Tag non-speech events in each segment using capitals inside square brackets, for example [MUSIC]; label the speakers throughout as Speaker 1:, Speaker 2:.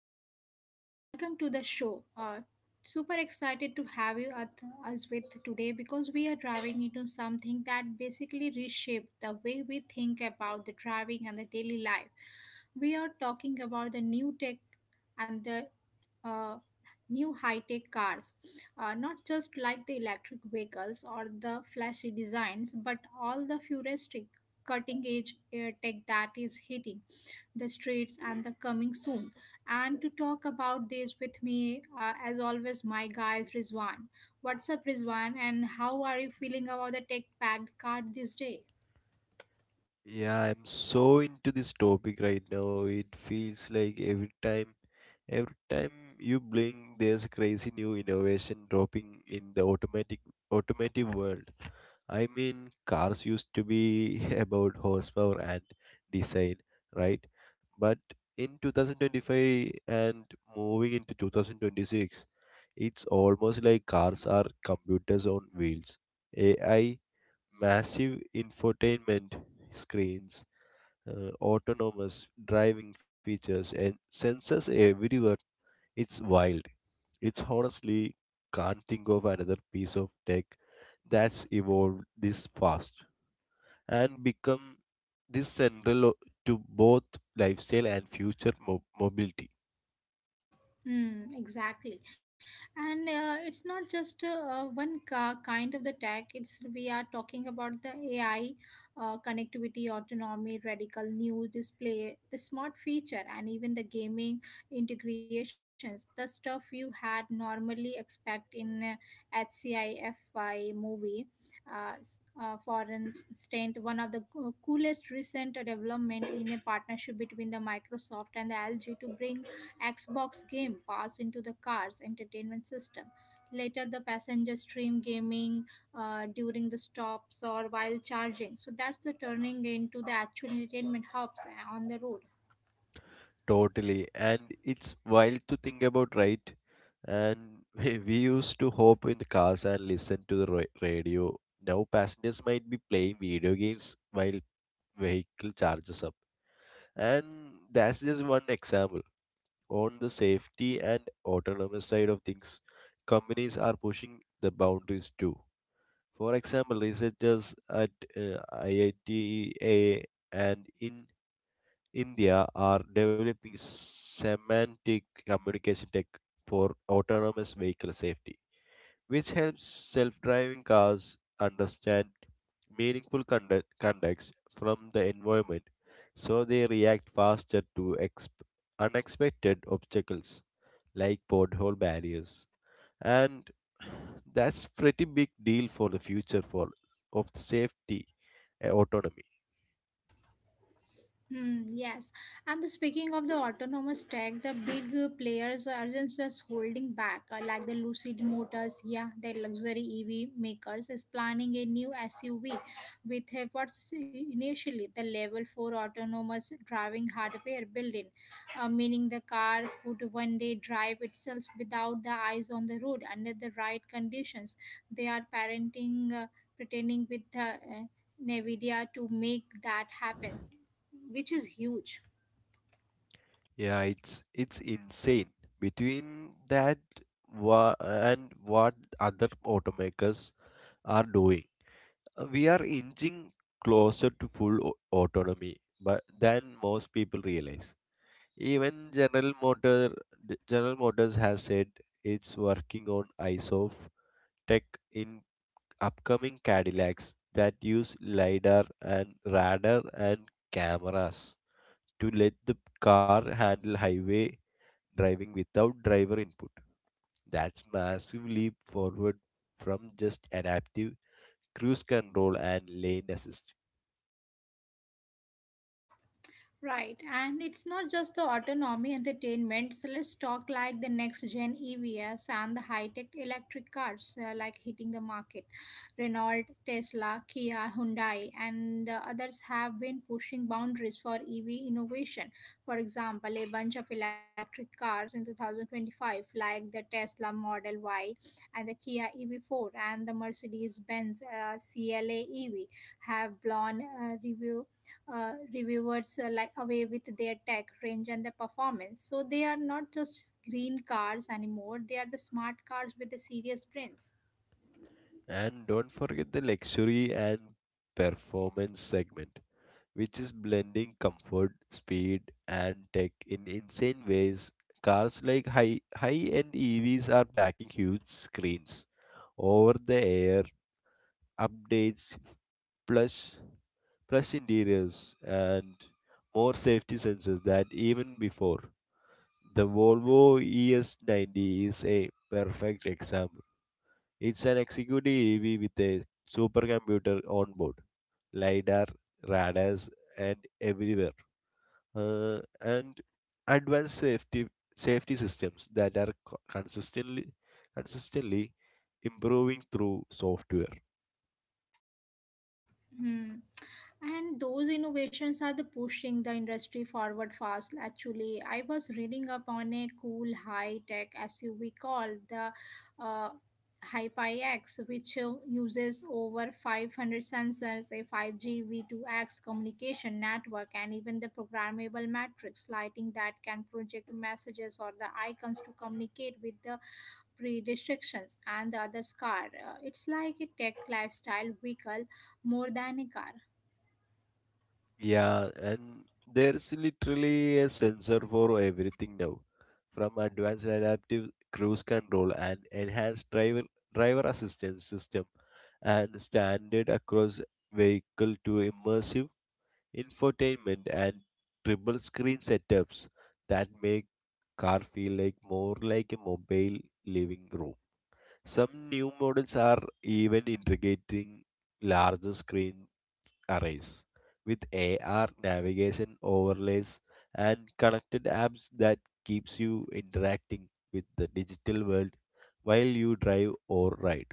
Speaker 1: everyone, and welcome to the show. Super excited to have you at us with today because we are driving into something that basically reshaped the way we think about the driving and the daily life. We are talking about the new tech and the uh, new high-tech cars, not just like the electric vehicles or the flashy designs, but all the futuristic cutting-edge tech that is hitting the streets, and the coming soon. And to talk about this with me, as always, my guy is Rizwan. What's up, Rizwan? And how are you feeling about the tech packed card this day?
Speaker 2: Yeah, I'm so into this topic right now. It feels like every time you blink, there's a crazy new innovation dropping in the automatic automotive world. I mean, cars used to be [LAUGHS] about horsepower and design, right? But in 2025 and moving into 2026, it's almost like cars are computers on wheels. AI, massive infotainment screens autonomous driving features and sensors everywhere. It's wild. It's honestly can't think of another piece of tech that's evolved this fast and become this central to both lifestyle and future mobility.
Speaker 1: Mm, exactly. And it's not just kind of the tech. It's we are talking about the AI, connectivity, autonomy, radical new display, the smart feature, and even the gaming integrations. The stuff you had normally expect in HCIFI movie. Uh, s- for instance, one of the co- coolest recent development in a partnership between the Microsoft and the LG to bring Xbox game passed into the car's entertainment system. Later, the passenger stream gaming during the stops or while charging. So that's the turning into the actual entertainment hubs on the road.
Speaker 2: Totally. And it's wild to think about, right? And [LAUGHS] we used to hop in the cars and listen to the radio. Now passengers might be playing video games while vehicle charges up. And that's just one example. On the safety and autonomous side of things, companies are pushing the boundaries too. For example, researchers at IITA and in India are developing semantic communication tech for autonomous vehicle safety, which helps self-driving cars understand meaningful conducts from the environment so they react faster to unexpected obstacles like pothole barriers, and that's pretty big deal for the future for of the safety, autonomy.
Speaker 1: Hmm, yes, and the speaking of the autonomous tech, the big players are just holding back, like the Lucid Motors. Yeah, the luxury EV makers is planning a new SUV with what's initially the level four autonomous driving hardware built-in, meaning the car could one day drive itself without the eyes on the road under the right conditions. They are parenting, pretending with the. NVIDIA to make that happen, which is huge.
Speaker 2: Yeah, it's insane between that and what other automakers are doing. We are inching closer to full autonomy but than most people realize. Even general motors has said it's working on eyes tech in upcoming cadillacs that use lidar and radar and cameras to let the car handle highway driving without driver input. That's massive leap forward from just adaptive cruise control and lane assist.
Speaker 1: Right, and it's not just the autonomy entertainment. So let's talk like the next gen EVs and the high tech electric cars like hitting the market. Renault, Tesla, Kia, Hyundai, and the others have been pushing boundaries for EV innovation. For example, a bunch of electric cars in 2025, like the Tesla Model Y and the Kia EV4 and the Mercedes Benz CLA EV, have blown reviewers like away with their tech range and the performance. So they are not just green cars anymore; they are the smart cars with the serious brains.
Speaker 2: And don't forget the luxury and performance segment, which is blending comfort, speed, and tech in insane ways. Cars like high-end EVs are packing huge screens, over-the-air updates, plush plush interiors, and more safety sensors than even before. The Volvo ES90 is a perfect example. It's an executive EV with a supercomputer on board, LiDAR, radars, and everywhere, and advanced safety systems that are consistently improving through software.
Speaker 1: Hmm. And those innovations are the pushing the industry forward fast. Actually, I was reading up on a cool high tech SUV called the uh, HyperX, which uses over 500 sensors, a 5G V2X communication network, and even the programmable matrix lighting that can project messages or the icons to communicate with the pre restrictions and the other car. It's like a tech lifestyle vehicle more than a car.
Speaker 2: Yeah, and there's literally a sensor for everything now, from advanced adaptive cruise control and enhanced driver assistance system and standard across vehicle to immersive infotainment and triple screen setups that make car feel like more like a mobile living room. Some new models are even integrating larger screen arrays, with AR navigation overlays and connected apps that keeps you interacting with the digital world while you drive or ride.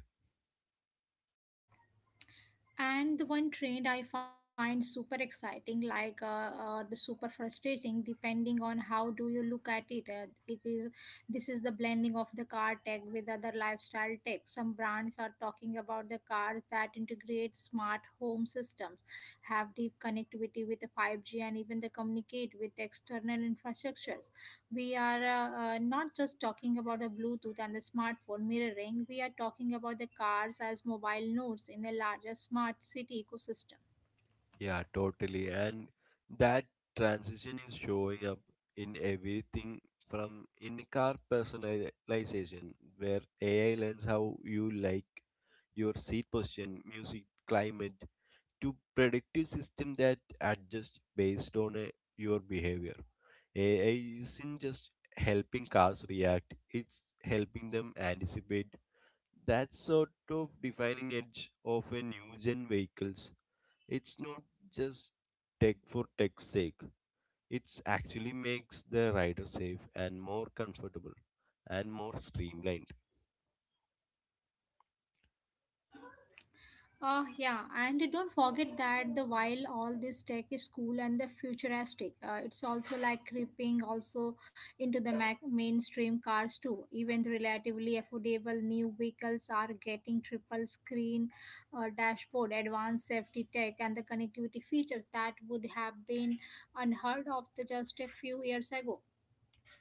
Speaker 1: And the one trend I find super exciting, like the super frustrating, depending on how do you look at it. It is this is the blending of the car tech with other lifestyle tech. Some brands are talking about the cars that integrate smart home systems, have deep connectivity with the 5G, and even the communicate with external infrastructures. We are not just talking about the bluetooth and the smartphone mirroring. We are talking about the cars as mobile nodes in a larger smart city ecosystem.
Speaker 2: Yeah, totally. And that transition is showing up in everything from in-car personalization, where AI learns how you like your seat position, music, climate, to predictive system that adjust based on your behavior. AI isn't just helping cars react, it's helping them anticipate. That sort of defining edge of a new gen vehicles. It's not just tech for tech's sake. It's actually makes the rider safe and more comfortable and more streamlined
Speaker 1: Yeah, and don't forget that the while all this tech is cool and the futuristic, it's also like creeping also into mainstream cars too. Even the relatively affordable new vehicles are getting triple screen dashboard, advanced safety tech, and the connectivity features that would have been unheard of the just a few years ago.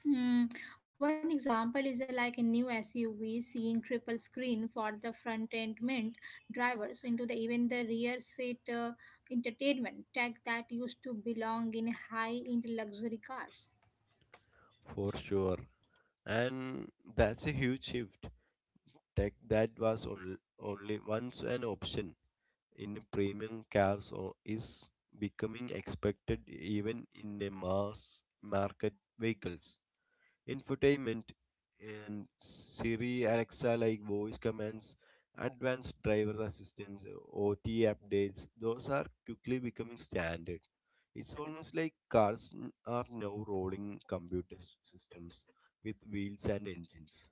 Speaker 1: Hmm. One example is like a new SUV seeing triple screen for the front end mint drivers into the even the rear seat entertainment tech that used to belong in high end luxury cars.
Speaker 2: for sure. And that's a huge shift. Tech that was on, only once an option in premium cars is becoming expected even in a mass market vehicles. Infotainment and Siri, Alexa like voice commands, advanced driver assistance, OT updates, those are quickly becoming standard. It's almost like cars are now rolling computer systems with wheels and engines.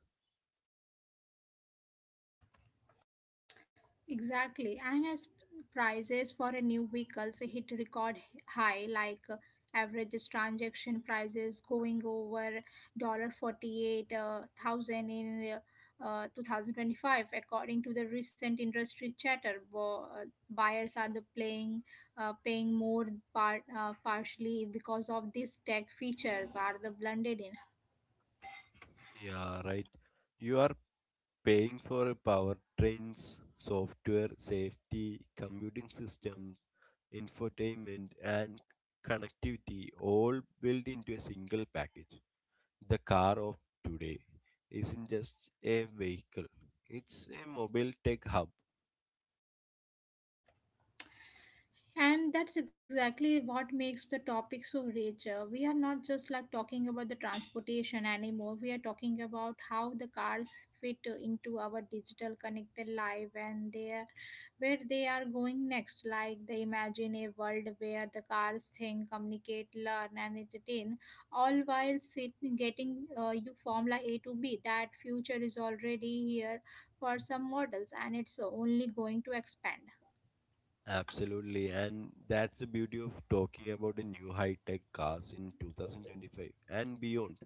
Speaker 1: Exactly, and as prices for a new vehicles hit record high, like average transaction prices going over dollar 48,000 in 2025, according to the recent industry chatter. Buyers are the playing paying more partially because of these tech features are the blended in.
Speaker 2: Yeah, right. You are paying for power trains, software, safety, computing systems, infotainment, and connectivity all built into a single package. The car of today isn't just a vehicle, it's a mobile tech hub.
Speaker 1: And that's exactly what makes the topic so rich. We are not just like talking about the transportation anymore. We are talking about how the cars fit into our digital connected life and there, where they are going next. Like they imagine a world where the cars think, communicate, learn, and entertain, all while sit, getting you formula A to B. That future is already here for some models, and it's only going to expand.
Speaker 2: Absolutely, and that's the beauty of talking about the new high tech cars in 2025 and beyond.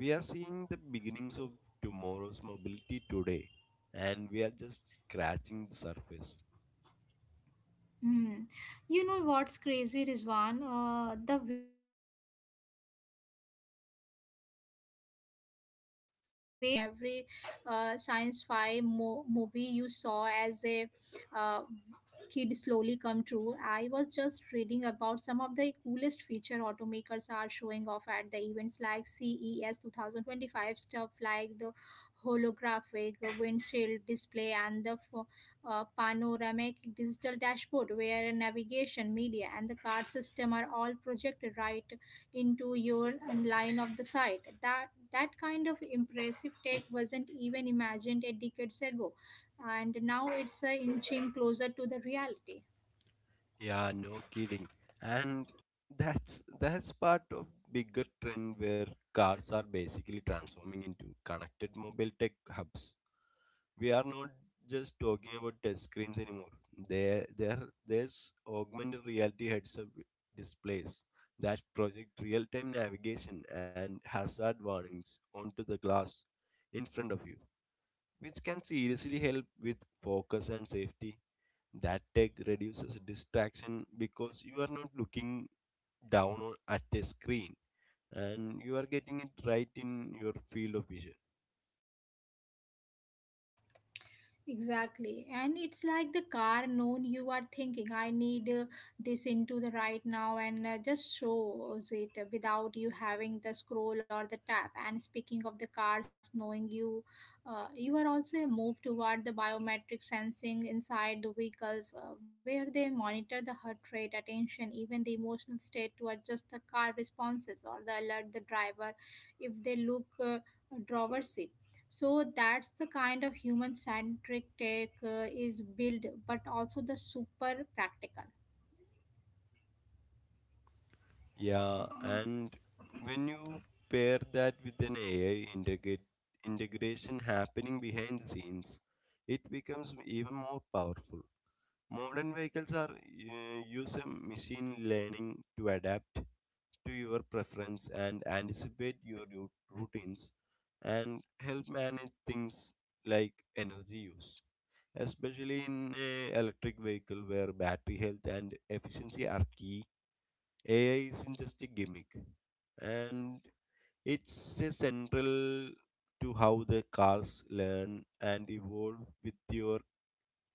Speaker 2: We are seeing the beginnings of tomorrow's mobility today, and we are just scratching the surface.
Speaker 1: Hmm. You know what's crazy, Rizwan? The way car tech is evolving right now is almost like watching every movie you saw as a uh, kid slowly come true. I was just reading about some of the coolest feature automakers are showing off at the events like CES 2025 stuff like the holographic windshield display and the panoramic digital dashboard where navigation, media, and the card system are all projected right into your line of the sight. That kind of impressive tech wasn't even imagined a decades ago, and now it's inching closer to the reality.
Speaker 2: Yeah, no kidding. And that's part of bigger trend where cars are basically transforming into connected mobile tech hubs. We are not just talking about touch screens anymore. There, there, there's augmented reality heads-up displays that project real-time navigation and hazard warnings onto the glass in front of you, which can seriously help with focus and safety. That tech reduces distraction because you are not looking down at a screen and you are getting it right in your field of vision.
Speaker 1: Exactly. And it's like the car known you are thinking, I need this into the right now, and just shows it without you having the scroll or the tap. And speaking of the cars knowing you, you are also a move toward the biometric sensing inside the vehicles where they monitor the heart rate, attention, even the emotional state to adjust the car responses or the alert the driver if they look driver's seat, so that's the kind of human centric tech is built but also the super practical.
Speaker 2: Yeah, and when you pair that with an integration happening behind the scenes, it becomes even more powerful. Modern vehicles are using machine learning to adapt to your preference and anticipate your routines and help manage things like energy use, especially in a electric vehicle where battery health and efficiency are key. AI isn't just a gimmick, and it's a central to how the cars learn and evolve with your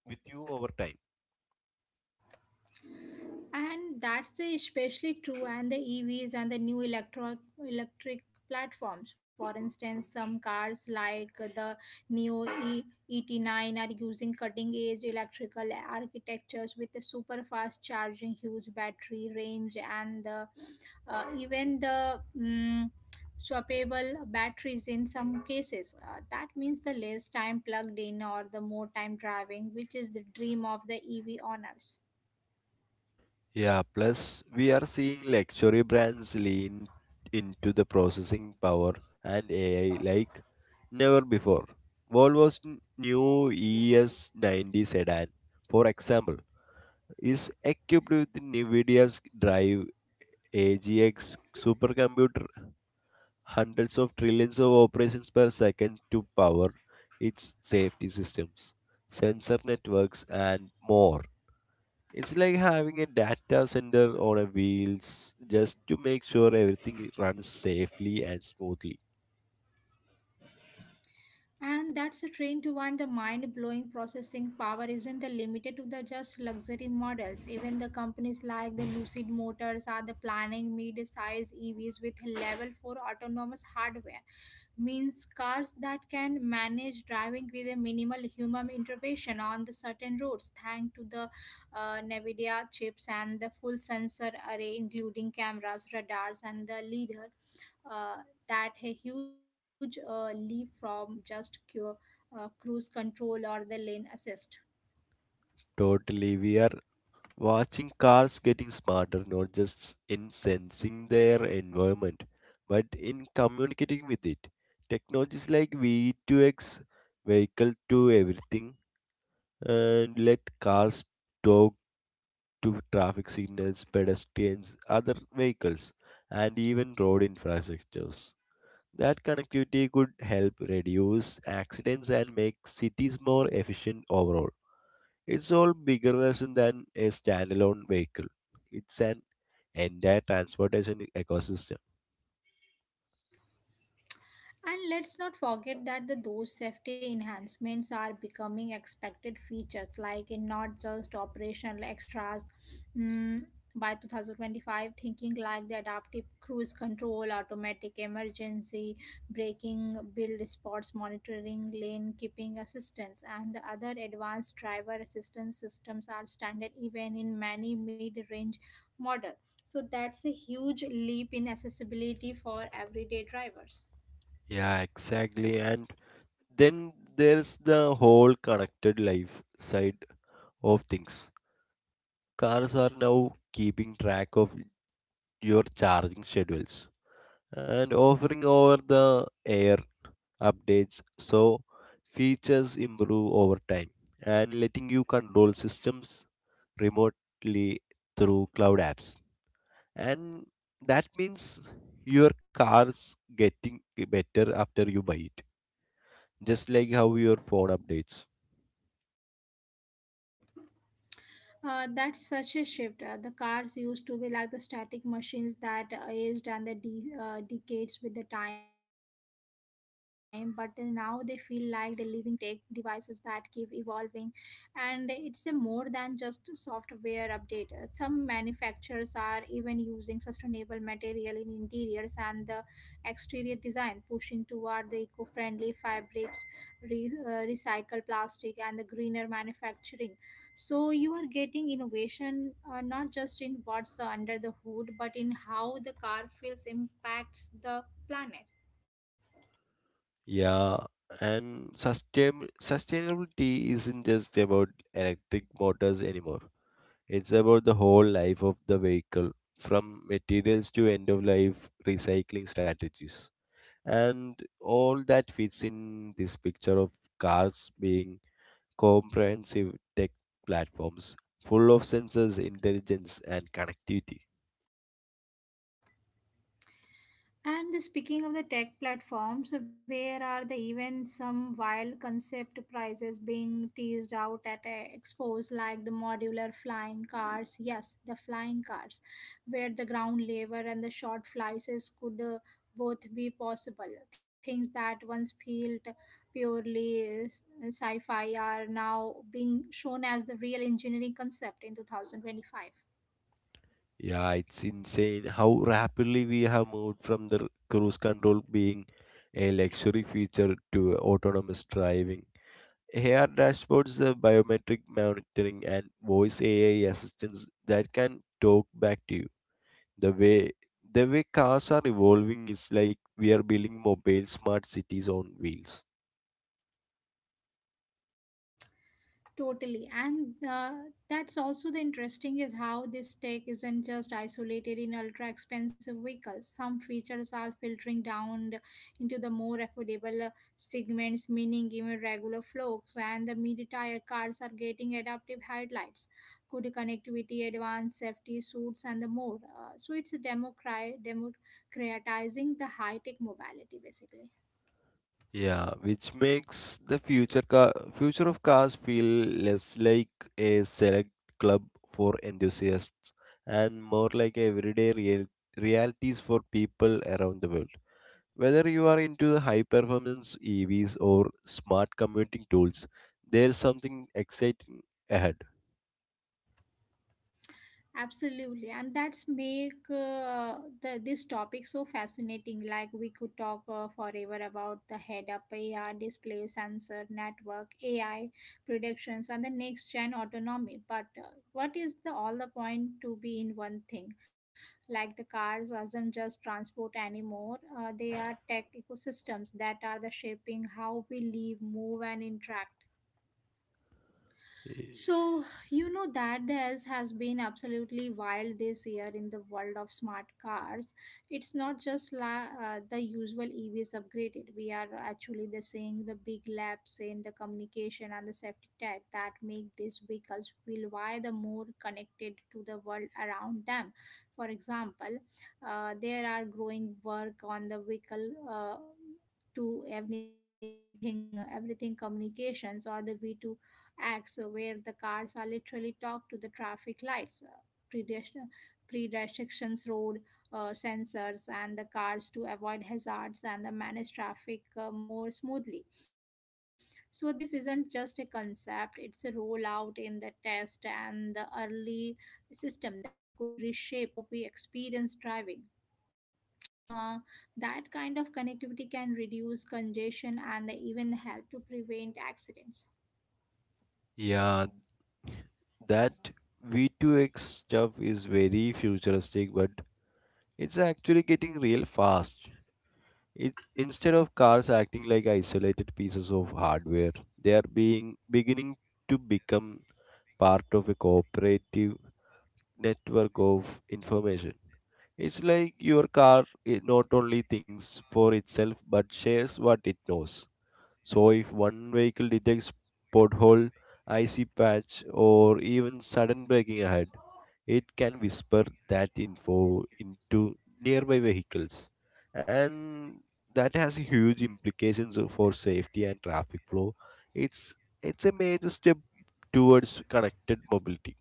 Speaker 2: with you over time.
Speaker 1: And that's especially true and the EVs and the new electric platforms. For instance, some cars like the Neo e- ET9 are using cutting-edge electrical architectures with the super fast charging, huge battery range, and the swappable batteries in some cases. That means the less time plugged in or the more time driving, which is the dream of the EV owners.
Speaker 2: Yeah, plus we are seeing luxury brands lean into the processing power and AI like never before. New ES90 sedan, for example, is equipped with NVIDIA's Drive AGX supercomputer hundreds of trillions of operations per second to power its safety systems, sensor networks, and more. It's like having a data center on a wheels just to make sure everything runs safely and smoothly.
Speaker 1: And that's a train to one the mind blowing processing power isn't the limited to the just luxury models. Even the companies like the Lucid Motors are the planning mid size EVs with level 4 autonomous hardware. Means cars that can manage driving with a minimal human intervention on the certain roads thanks to the NVIDIA chips and the full sensor array including cameras, radars and the LiDAR, that a huge leap from cruise control or the lane assist.
Speaker 2: Totally, we are watching cars getting smarter, not just in sensing their environment, but in communicating with it. Technologies like V2X, vehicle to everything, and let cars talk to traffic signals, pedestrians, other vehicles, and even road infrastructures. That connectivity could help reduce accidents and make cities more efficient overall. It's all bigger version than a standalone vehicle. It's an entire transportation ecosystem.
Speaker 1: And let's not forget that the those safety enhancements are becoming expected features, like in not just operational extras. Mm, by 2025, thinking like the adaptive cruise control, automatic emergency braking, build spots monitoring, lane keeping assistance, and the other advanced driver assistance systems are standard even in many mid-range models. So that's a huge leap in accessibility for everyday drivers.
Speaker 2: Yeah, exactly. And then there's the whole connected life side of things. Cars are now keeping track of your charging schedules and offering over the air updates so features improve over time and letting you control systems remotely through cloud apps, and that means your car's getting better after you buy it just like how your phone updates.
Speaker 1: That's such a shift. The cars used to be like the static machines that aged and the decades with the time, but now they feel like the living tech devices that keep evolving. And it's a more than just software update. Some manufacturers are even using sustainable material in interiors and the exterior design, pushing toward the eco-friendly fabrics, recycled plastic, and the greener manufacturing so you are getting innovation not just in what's under the hood, but in how the car feels impacts the planet.
Speaker 2: Yeah, and sustainability isn't just about electric motors anymore. It's about the whole life of the vehicle, from materials to end of life recycling strategies. And all that fits in this picture of cars being comprehensive tech platforms full of sensors, intelligence, and connectivity.
Speaker 1: Speaking of the tech platforms, where are the even some wild concept prizes being teased out at a expos like the modular flying cars? Yes, the flying cars, where the ground lever and the short flights could both be possible. Things that once felt purely sci-fi are now being shown as the real engineering concept in 2025.
Speaker 2: Yeah, it's insane how rapidly we have moved from the cruise control being a luxury feature to autonomous driving, AR dashboards, biometric monitoring, and voice AI assistants that can talk back to you. The way the way cars are evolving is like we are building mobile smart cities on wheels.
Speaker 1: Totally. And that's also the interesting is how this tech isn't just isolated in ultra expensive vehicles. Some features are filtering into the more affordable segments, meaning even regular folks and the mid-tier cars are getting adaptive headlights, good connectivity, advanced safety suits, and the more. So it's a democratizing the high-tech mobility, basically.
Speaker 2: Yeah, which makes the future of cars feel less like a select club for enthusiasts and more like everyday realities for people around the world. Whether you are into high performance EVs or smart commuting tools, there's something exciting ahead.
Speaker 1: Absolutely, and that's make this topic so fascinating. Like we could talk forever about the head-up AR display sensor network, AI predictions, and the next-gen autonomy. But what is the all the point to be in one thing? Like the cars aren't just transport anymore. They are tech ecosystems that are the shaping how we live, move, and interact.
Speaker 2: Y-
Speaker 1: So, you know that the else has been absolutely wild this year in the world of smart cars. It's not just the usual EVs upgraded. We are actually the seeing the big laps in the communication and the safety tech that make these vehicles feel why the more connected to the world around them. For example, there are growing work on the vehicle to everything everything communications or the v2 acts where the cars are literally talk to the traffic lights, prediction- pre-restrictions, road sensors, and the cars to avoid hazards and the manage traffic more smoothly. So this isn't just a concept; it's a rollout in the test and the early system that could reshape how we experience driving. Uh, that kind of connectivity can reduce congestion and even help to prevent accidents.
Speaker 2: Yeah, that V2X stuff is very futuristic, but it's actually getting real fast. It's instead of cars acting like isolated pieces of hardware, they are being beginning to become part of a cooperative network of information. It's like your car it not only thinks for itself but shares what it knows. So if one vehicle detects pothole, icy patch, or even sudden braking ahead, it can whisper that info into nearby vehicles, and that has huge implications for safety and traffic flow. It's it's a major step towards connected mobility.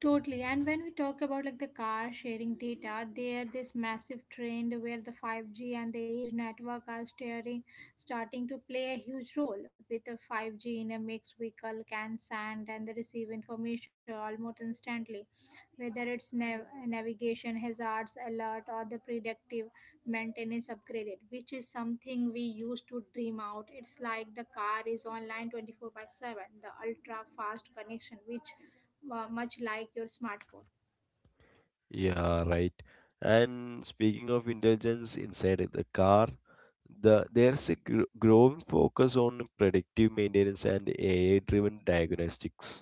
Speaker 1: Totally. And when we talk about like the car sharing data, there this massive trend where the 5G and the edge network are starting to play a huge role. With the 5G in a mixed vehicle can send and the receive information almost instantly, whether it's navigation hazards alert or the predictive maintenance upgraded, which is something we used to dream out. It's like the car is online 24 by 7, the ultra fast connection, which much like your smartphone.
Speaker 2: Yeah, right. And speaking of intelligence inside the car, there's a gr growing focus on predictive maintenance and AI-driven diagnostics.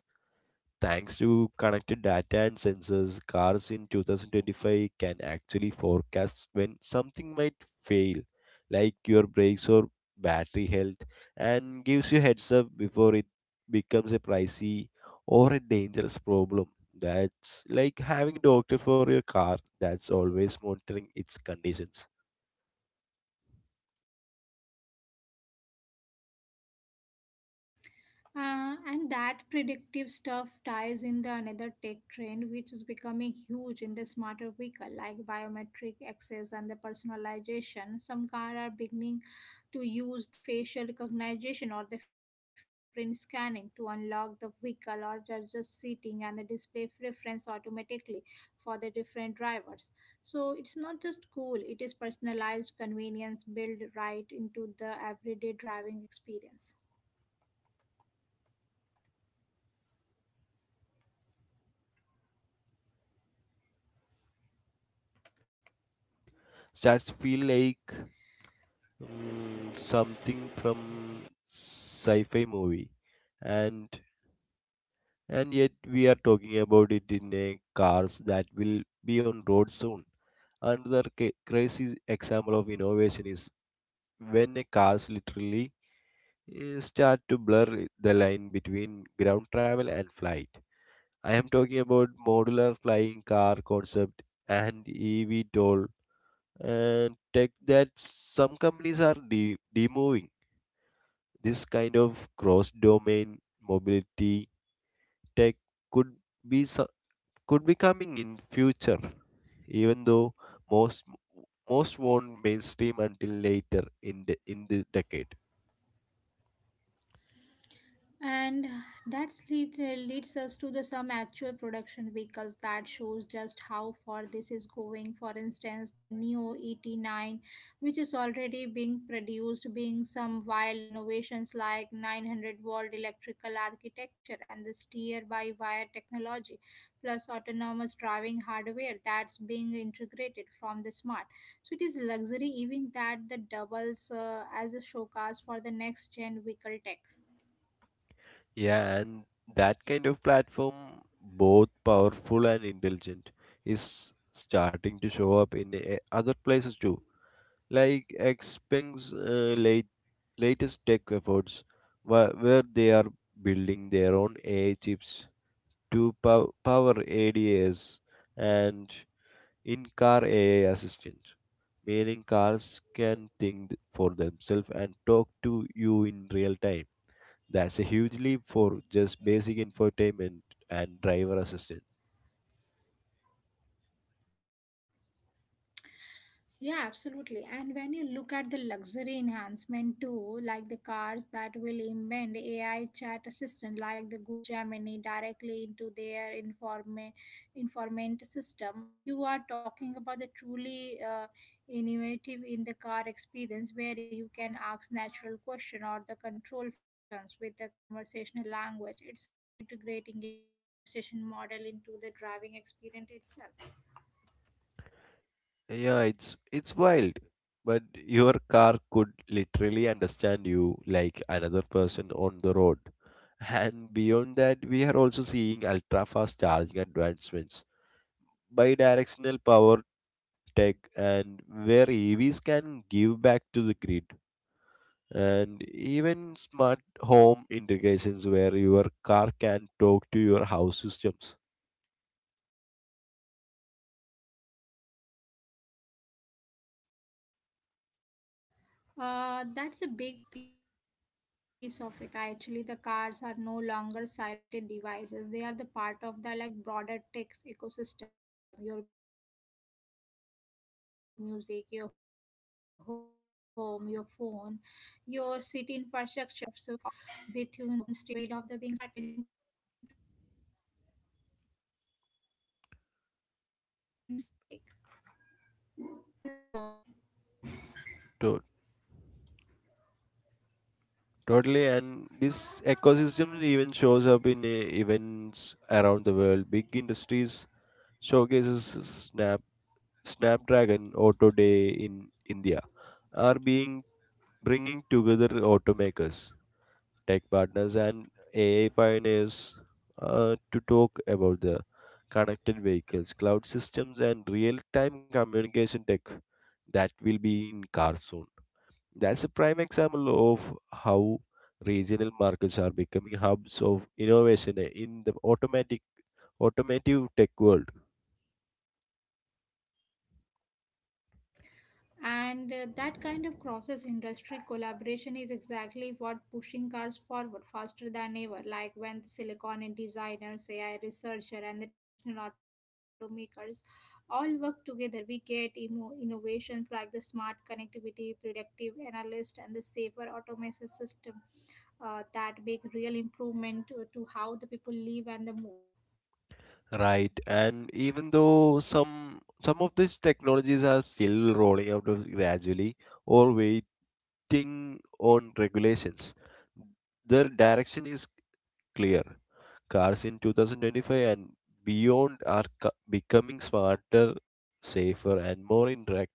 Speaker 2: Thanks to connected data and sensors, cars in 2025 can actually forecast when something might fail, like your brakes or battery health, and gives you heads up before it becomes a pricey or a dangerous problem. That's like having a doctor for your car that's always monitoring its conditions.
Speaker 1: And that predictive stuff ties in the another tech trend, which is becoming huge in the smarter vehicle, like biometric access and the personalization. Some cars are beginning to use the facial recognition or the fingerprint scanning to unlock the vehicle or just seating and the display preference automatically for the different drivers. So it's not just cool; it is personalized convenience built right into the everyday driving experience.
Speaker 2: Hello. Yeah, and that kind of personalization starts feel like something from sci-fi movie, and and yet we are talking about it in a cars that will be on road soon. Another crazy example of innovation is when a cars literally start to blur the line between ground travel and flight. I am talking about modular flying car concept and ev toll and tech that some companies are demoing. This kind of cross-domain mobility tech could be so- could be coming in future, even though most most won't mainstream until later in the decade.
Speaker 1: And that leads us to the some actual production vehicles that shows just how far this is going, for instance the neo 89, which is already being produced being some wild innovations like 900-volt electrical architecture and the steer by wire technology plus autonomous driving hardware that's being integrated from the smart. So it is luxury even that the doubles as a showcase for the next gen vehicle tech.
Speaker 2: Yeah, and that kind of platform, both powerful and intelligent, is starting to show up in other places too. Like latest tech efforts, where they are building their own AI chips to power ADAS and in-car AI assistant, meaning cars can think for themselves and talk to you in real time. That's a huge leap for just basic infotainment and driver assistance.
Speaker 1: Yeah, absolutely. And when you look at the luxury enhancement too, like the cars that will embed AI chat assistant like the Google Gemini directly into their informant system, you are talking about the truly innovative in the car experience where you can ask natural question or the control functions with the conversational language. It's right integrating AI conversation model into the driving experience itself.
Speaker 2: Yeah, it's wild, but your car could literally understand you like another person on the road. And beyond that, we are also seeing ultra fast charging advancements. Bidirectional power tech, and where EVs can give back to the grid, and even smart home integrations where your car can talk to your house systems.
Speaker 1: That's a big piece of it. Actually, the cars are no longer siloed devices. They are the part of the like broader tech ecosystem. Your music, your home, your phone, your city infrastructure, all woven together. So it's like living inside a tech ecosystem that moves with you instead of the being static.
Speaker 2: To- totally, and this ecosystem even shows up in events around the world. Big industries showcases Snap Snapdragon Auto Day in India are being bringing together automakers, tech partners, and AI pioneers to talk about the connected vehicles, cloud systems, and real time communication tech that will be in cars soon. That's a prime example of how regional markets are becoming hubs of innovation in the automatic automotive tech world.
Speaker 1: And that kind of crosses industry collaboration is exactly what pushing cars forward faster than ever. Like when the silicon and designers, AI researcher, and the traditional automakers all work together, we get innovations like the smart connectivity, predictive analyst, and the safer automation system that make real improvement to how the people live and the move.
Speaker 2: Right, and even though some of these technologies are still rolling out of gradually or very acting on regulations, their direction is clear. Cars in 2025 and beyond are becoming smarter, safer, and more interactive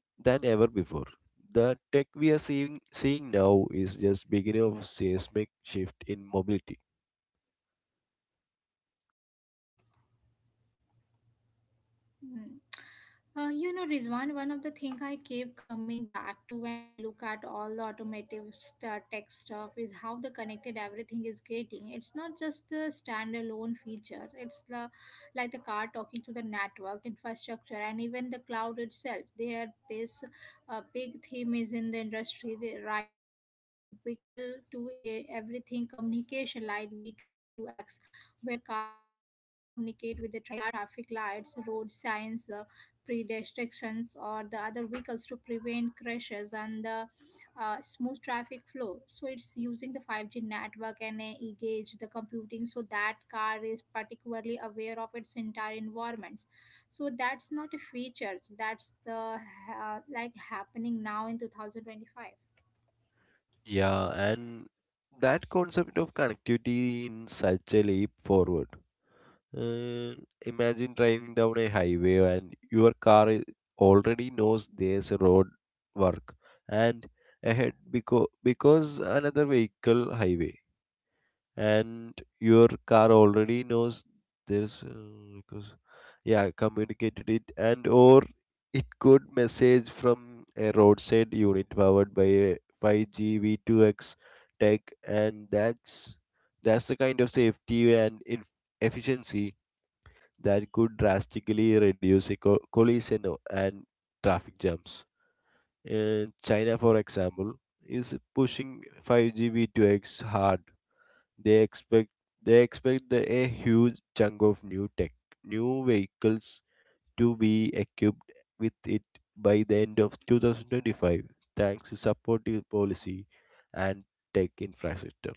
Speaker 2: than ever before. The tech we are seeing now is just beginning of a seismic shift in mobility.
Speaker 1: Mhm. You know, Rizwan, one of the things I keep coming back to when I look at all the automotive tech stuff is how the connected everything is getting. It's not just the standalone features; it's the like the car talking to the network infrastructure and even the cloud itself. There, this big theme is in the industry right now around vehicle everything communication like V2X, where the cars communicate with the traffic lights, road signs, the pedestrians or the other vehicles to prevent crashes and the smooth traffic flow. So it's using the 5G network and gauge the computing so that car is particularly aware of its entire environments. So that's not a feature. That's the like happening now in 2025.
Speaker 2: Yeah, and that concept of connectivity in such a leap forward. Uh, Imagine driving down a highway and already knows there's a road work and ahead because another vehicle highway and your car already knows there's because yeah communicated it, and or it could message from a roadside unit powered by a 5G V2X tech, and that's the kind of safety and in efficiency that could drastically reduce collision and traffic jams. China, for example, is pushing 5G V2X hard. They expect they expect a huge chunk of new tech, new vehicles to be equipped with it by the end of 2025, thanks to supportive policy and tech infrastructure.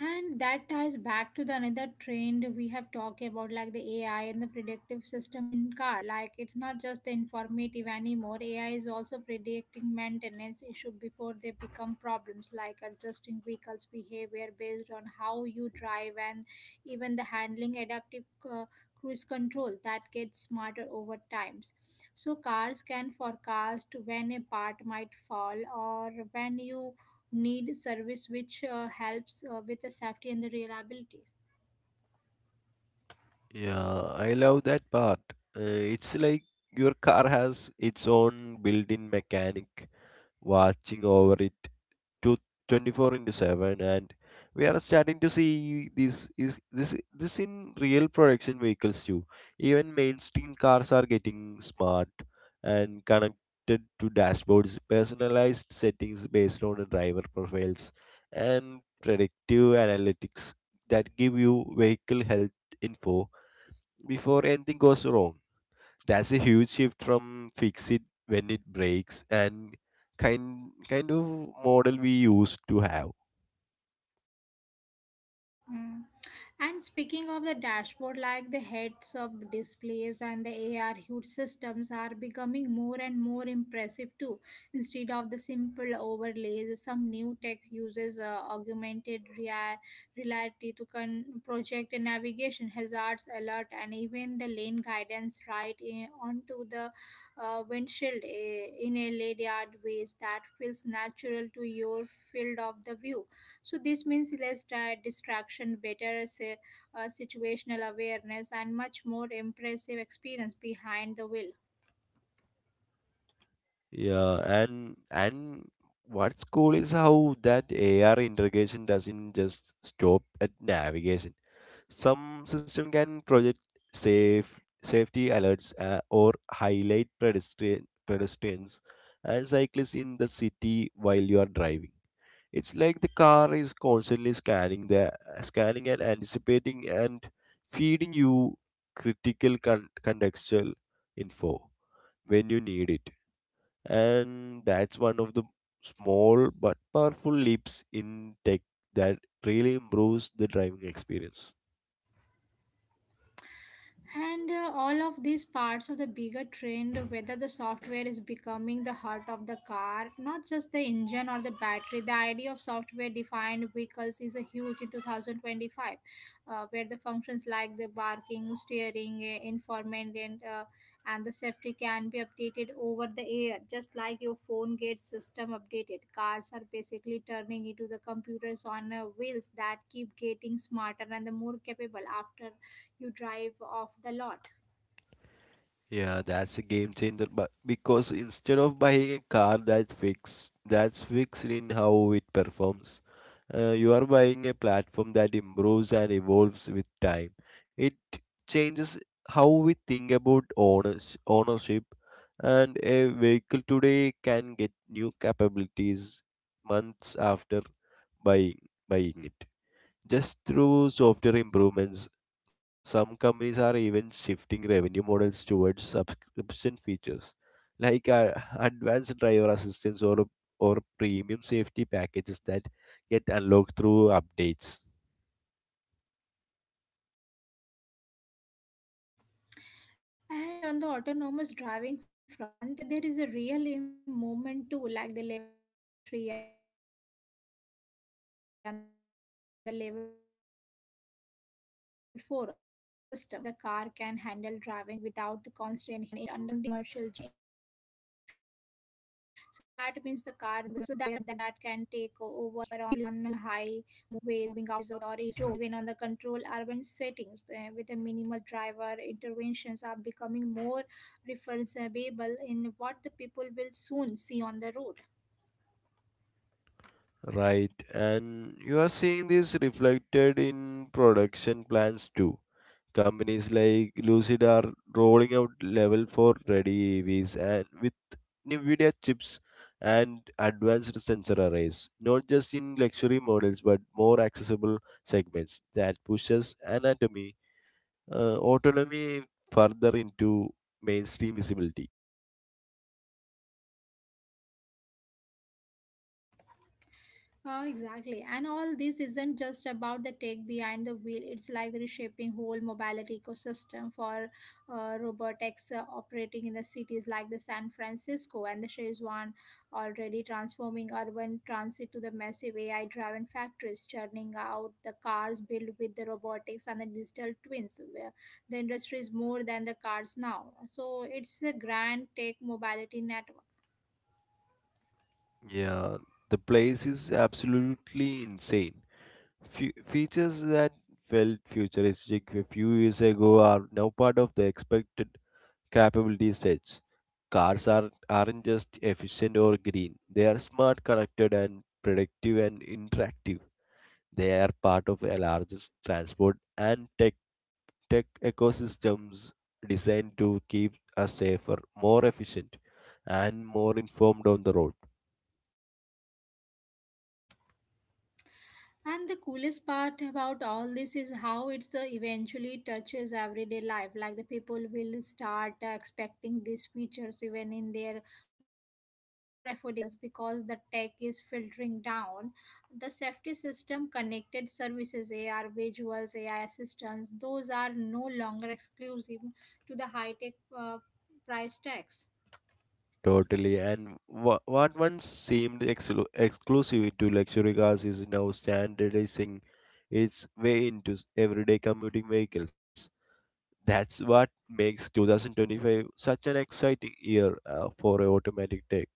Speaker 1: And that ties back to the another trend we have talked about, like the AI and the predictive system in car. Like it's not just the informative anymore. AI is also predicting maintenance issue before they become problems, like adjusting vehicles' behavior based on how you drive and even the handling adaptive uh, cruise control that gets smarter over times. So cars can forecast when a part might fall or when you need service, which helps with the safety and the reliability.
Speaker 2: Yeah, I love that part. It's like your car has its own built-in mechanic watching over it to 24 into 7, and we are starting to see this is this this in real production vehicles too. Even mainstream cars are getting smart and connected to dashboards, personalized settings based on the driver profiles and predictive analytics that give you vehicle health info before anything goes wrong. That's a huge shift from fix it when it breaks and kind of model we used to have.
Speaker 1: Mm. And speaking of the dashboard, like the heads of displays and the AR huge systems are becoming more and more impressive too. Instead of the simple overlays, some new tech uses reality to project navigation hazards alert and even the lane guidance right onto the windshield in a layered ways that feels natural to your field of the view. So this means less distraction, better say, situational awareness and much more impressive experience behind the wheel.
Speaker 2: Yeah, and what's cool is how that AR integration doesn't just stop at navigation. Some system can project safe safety alerts or highlight pedestrians and cyclists in the city while you are driving. It's like the car is constantly scanning and anticipating and feeding you critical contextual info when you need it. And that's one of the small but powerful leaps in tech that really improves the driving experience.
Speaker 1: And all of these parts of the bigger trend, whether the software is becoming the heart of the car, not just the engine or the battery, the idea of software defined vehicles is a huge in 2025, where the functions like the barking, steering, informant, and the safety can be updated over the air, just like your phone gets system updated. Cars are basically turning into the computers on wheels that keep getting smarter and the more capable after you drive off the lot.
Speaker 2: Yeah, that's a game changer, but because instead of buying a car that's fixed in how it performs, you are buying a platform that improves and evolves with time. It changes how we think about ownership, and a vehicle today can get new capabilities months after buying buying it just through software improvements. Some companies are even shifting revenue models towards subscription features like advanced driver assistance or premium safety packages that get unlocked through updates.
Speaker 1: And on the autonomous driving front, there is a real movement too, like the level 3 and the level 4 autonomous system, where the car can handle driving without the constant human input under the certain conditions, are actually moving out of the testing into the commercial zone in some markets. So that means the car that can take over on highways or even on the controlled urban settings with the minimal driver interventions are becoming more referable in what the people will soon see on the road.
Speaker 2: Right, and you are seeing this reflected in production plans too. Companies like Lucid are rolling out level 4 ready EVs, and with NVIDIA chips and advanced sensor arrays, not just in luxury models but more accessible segments that pushes autonomy further into mainstream visibility.
Speaker 1: Oh, exactly. And all this isn't just about the tech behind the wheel. It's like reshaping whole mobility ecosystem for robotics operating in the cities like the San Francisco and the Shenzhen, already transforming urban transit to the massive AI-driven factories, churning out the cars built with the robotics and the digital twins. Where the industry is more than the cars now. So it's a grand tech mobility network.
Speaker 2: Yeah, the place is absolutely insane. Features that felt futuristic a few years ago are now part of the expected capability. Such cars are, aren't just efficient or green, they are smart, connected, and predictive and interactive. They are part of a largest transport and tech ecosystems designed to keep us safer, more efficient, and more informed on the road.
Speaker 1: And the coolest part about all this is how it's eventually touches everyday life. Like the people will start expecting these features even in their more affordable models because the tech is filtering down. The safety system, connected services, AR visuals, AI assistants, those are no longer exclusive to the high tech price tags.
Speaker 2: Totally, and what once seemed exclusive to luxury cars is now standardizing its way into everyday commuting vehicles. That's what makes 2025 such an exciting year for automatic tech.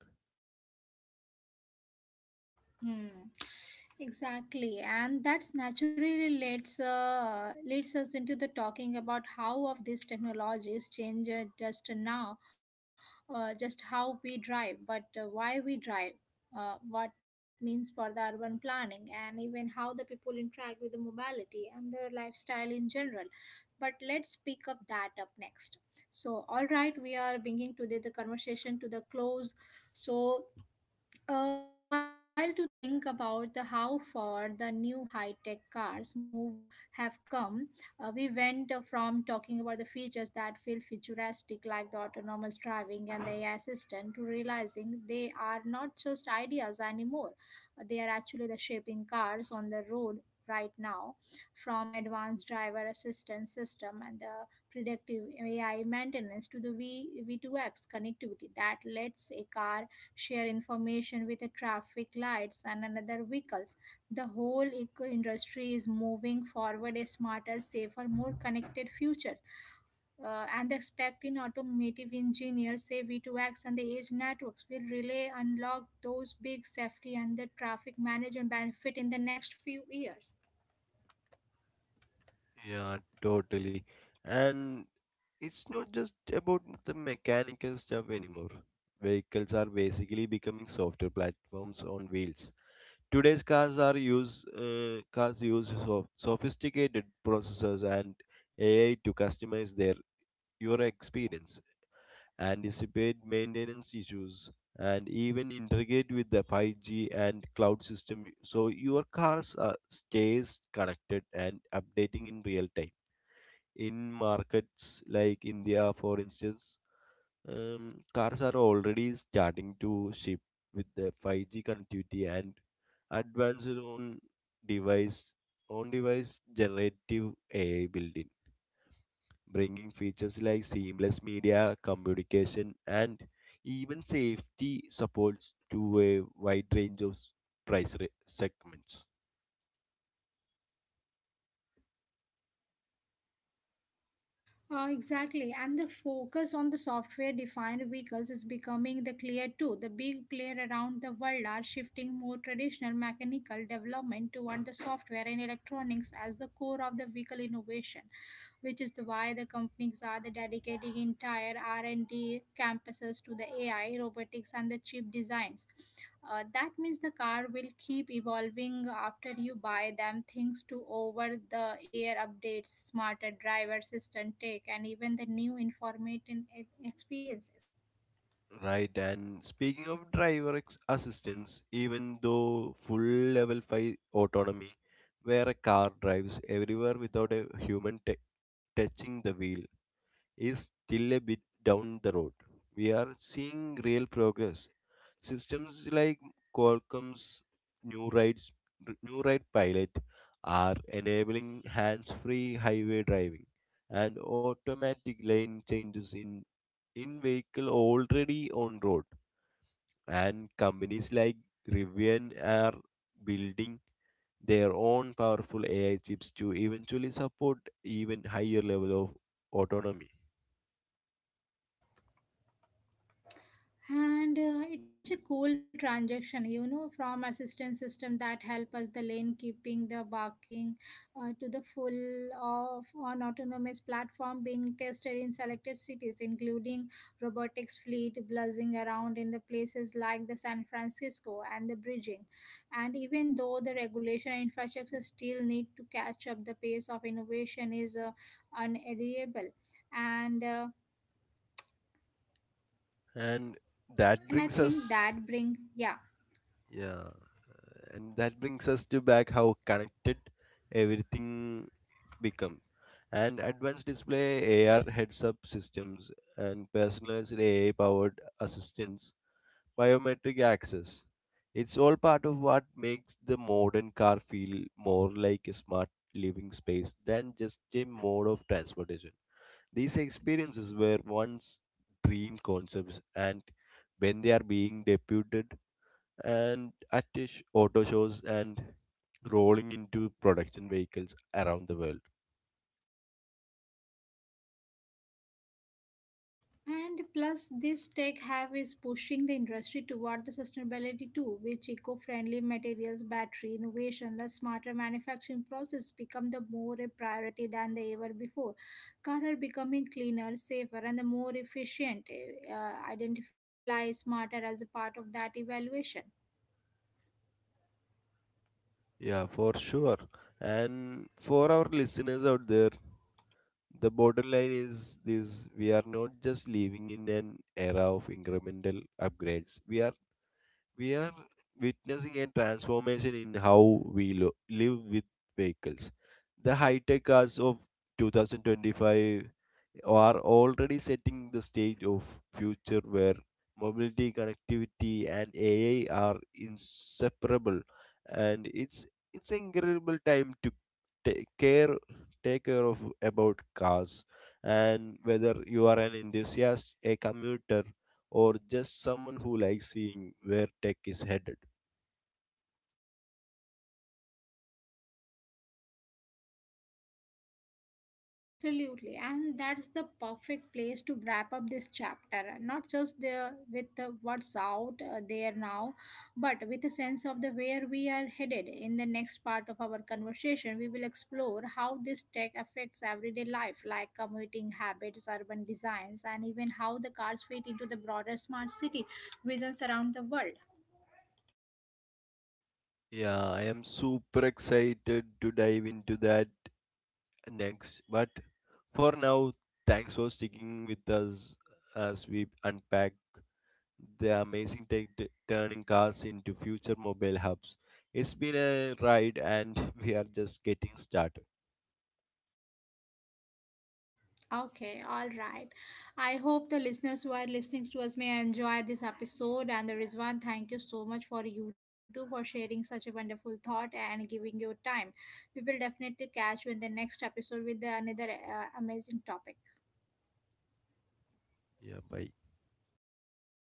Speaker 1: Hmm. Exactly, and that's naturally leads us into the talking about how of these technologies change just now, just how we drive, but why we drive, what means for the urban planning, and even how the people interact with the mobility and their lifestyle in general. But let's pick up that up next. So, all right, we are bringing today the conversation to the close. So it's wild to think about the how far the new high-tech cars move have come. We went from talking about the features that feel futuristic, like the autonomous driving and the AI assistant, to realizing they are not just ideas anymore. They are actually the shaping cars on the road right now. From advanced driver assistance system and the predictive AI maintenance to the V V2X connectivity that lets a car share information with the traffic lights and another vehicles. The whole eco industry is moving forward a smarter, safer, more connected future. And expecting automotive engineers, say V2X and the edge networks will really unlock those big safety and the traffic management benefit in the next few years.
Speaker 2: Yeah, totally. And it's not just about the mechanical stuff anymore. Vehicles are basically becoming software platforms on wheels. Today's cars use so sophisticated processors and AI to customize their your experience, anticipate maintenance issues, and even integrate with the 5G and cloud system so your cars stays connected and updating in real time. In markets like India, for instance, cars are already starting to ship with the 5G connectivity and advanced device on device generative AI built bringing features like seamless media, communication, and even safety supports to a wide range of segments.
Speaker 1: Exactly, and the focus on the software defined vehicles is becoming the clear too. The big players around the world are shifting more traditional mechanical development toward the software and electronics as the core of the vehicle innovation, which is the why the companies are the dedicating entire R&D campuses to the AI, robotics, and the chip designs. That means the car will keep evolving after you buy them thanks to over the air updates, smarter driver assistant tech, and even the new informative experiences.
Speaker 2: Right, and speaking of driver assistance, even though full level 5 autonomy, where a car drives everywhere without a touching the wheel, is still a bit down the road. We are seeing real progress. Systems like Qualcomm's new rides new ride pilot are enabling hands-free highway driving and automatic lane changes in vehicle already on road, and companies like Rivian are building their own powerful AI chips to eventually support even higher level of autonomy.
Speaker 1: And it's such a cool transaction you know from assistance system that help us the lane keeping the barking to the full of on autonomous platform being tested in selected cities including robotics fleet buzzing around in the places like the San Francisco and the bridging, and even though the regulation and infrastructure still need to catch up, the pace of innovation is unarrivable. And
Speaker 2: And that
Speaker 1: and I
Speaker 2: brings
Speaker 1: think
Speaker 2: us
Speaker 1: that bring yeah.
Speaker 2: Yeah, and that brings us to back how connected everything become, and advanced display AR heads-up systems and personalized AI powered assistants, biometric access. It's all part of what makes the modern car feel more like a smart living space than just a mode of transportation. These experiences were once dream concepts, and when they are being deputed and at auto shows and rolling into production vehicles around the world.
Speaker 1: And plus, this tech have is pushing the industry toward the sustainability too, which eco-friendly materials, battery innovation, the smarter manufacturing process become the more a priority than they ever before. Cars are becoming cleaner, safer, and the more efficient. Identify smarter as a part of that evaluation.
Speaker 2: Yeah, for sure. And for our listeners out there, the bottom line is this: we are not just living in an era of incremental upgrades. We are witnessing a transformation in how we live with vehicles. The high-tech cars of 2025 are already setting the stage of future where mobility, connectivity, and AI are inseparable, and it's incredible time to take care take care of about cars, and whether you are an enthusiast, a commuter, or just someone who likes seeing where tech is headed.
Speaker 1: Absolutely, and that's the perfect place to wrap up this chapter. Not just the with the what's out there now, but with a sense of the where we are headed. In the next part of our conversation, we will explore how this tech affects everyday life, like commuting habits, urban designs, and even how the cars fit into the broader smart city visions around the world.
Speaker 2: Yeah, I am super excited to dive into that next, but for now, thanks for sticking with us as we unpack the amazing tech turning cars into future mobile hubs. It's been a ride and [LAUGHS] we are just getting started.
Speaker 1: Okay, all right. I hope the listeners who are listening to us may enjoy this episode. And the Rizwan, thank you so much for you too for sharing such a wonderful thought and giving your time. We will definitely catch you in the next episode with another amazing topic.
Speaker 2: Yeah, bye.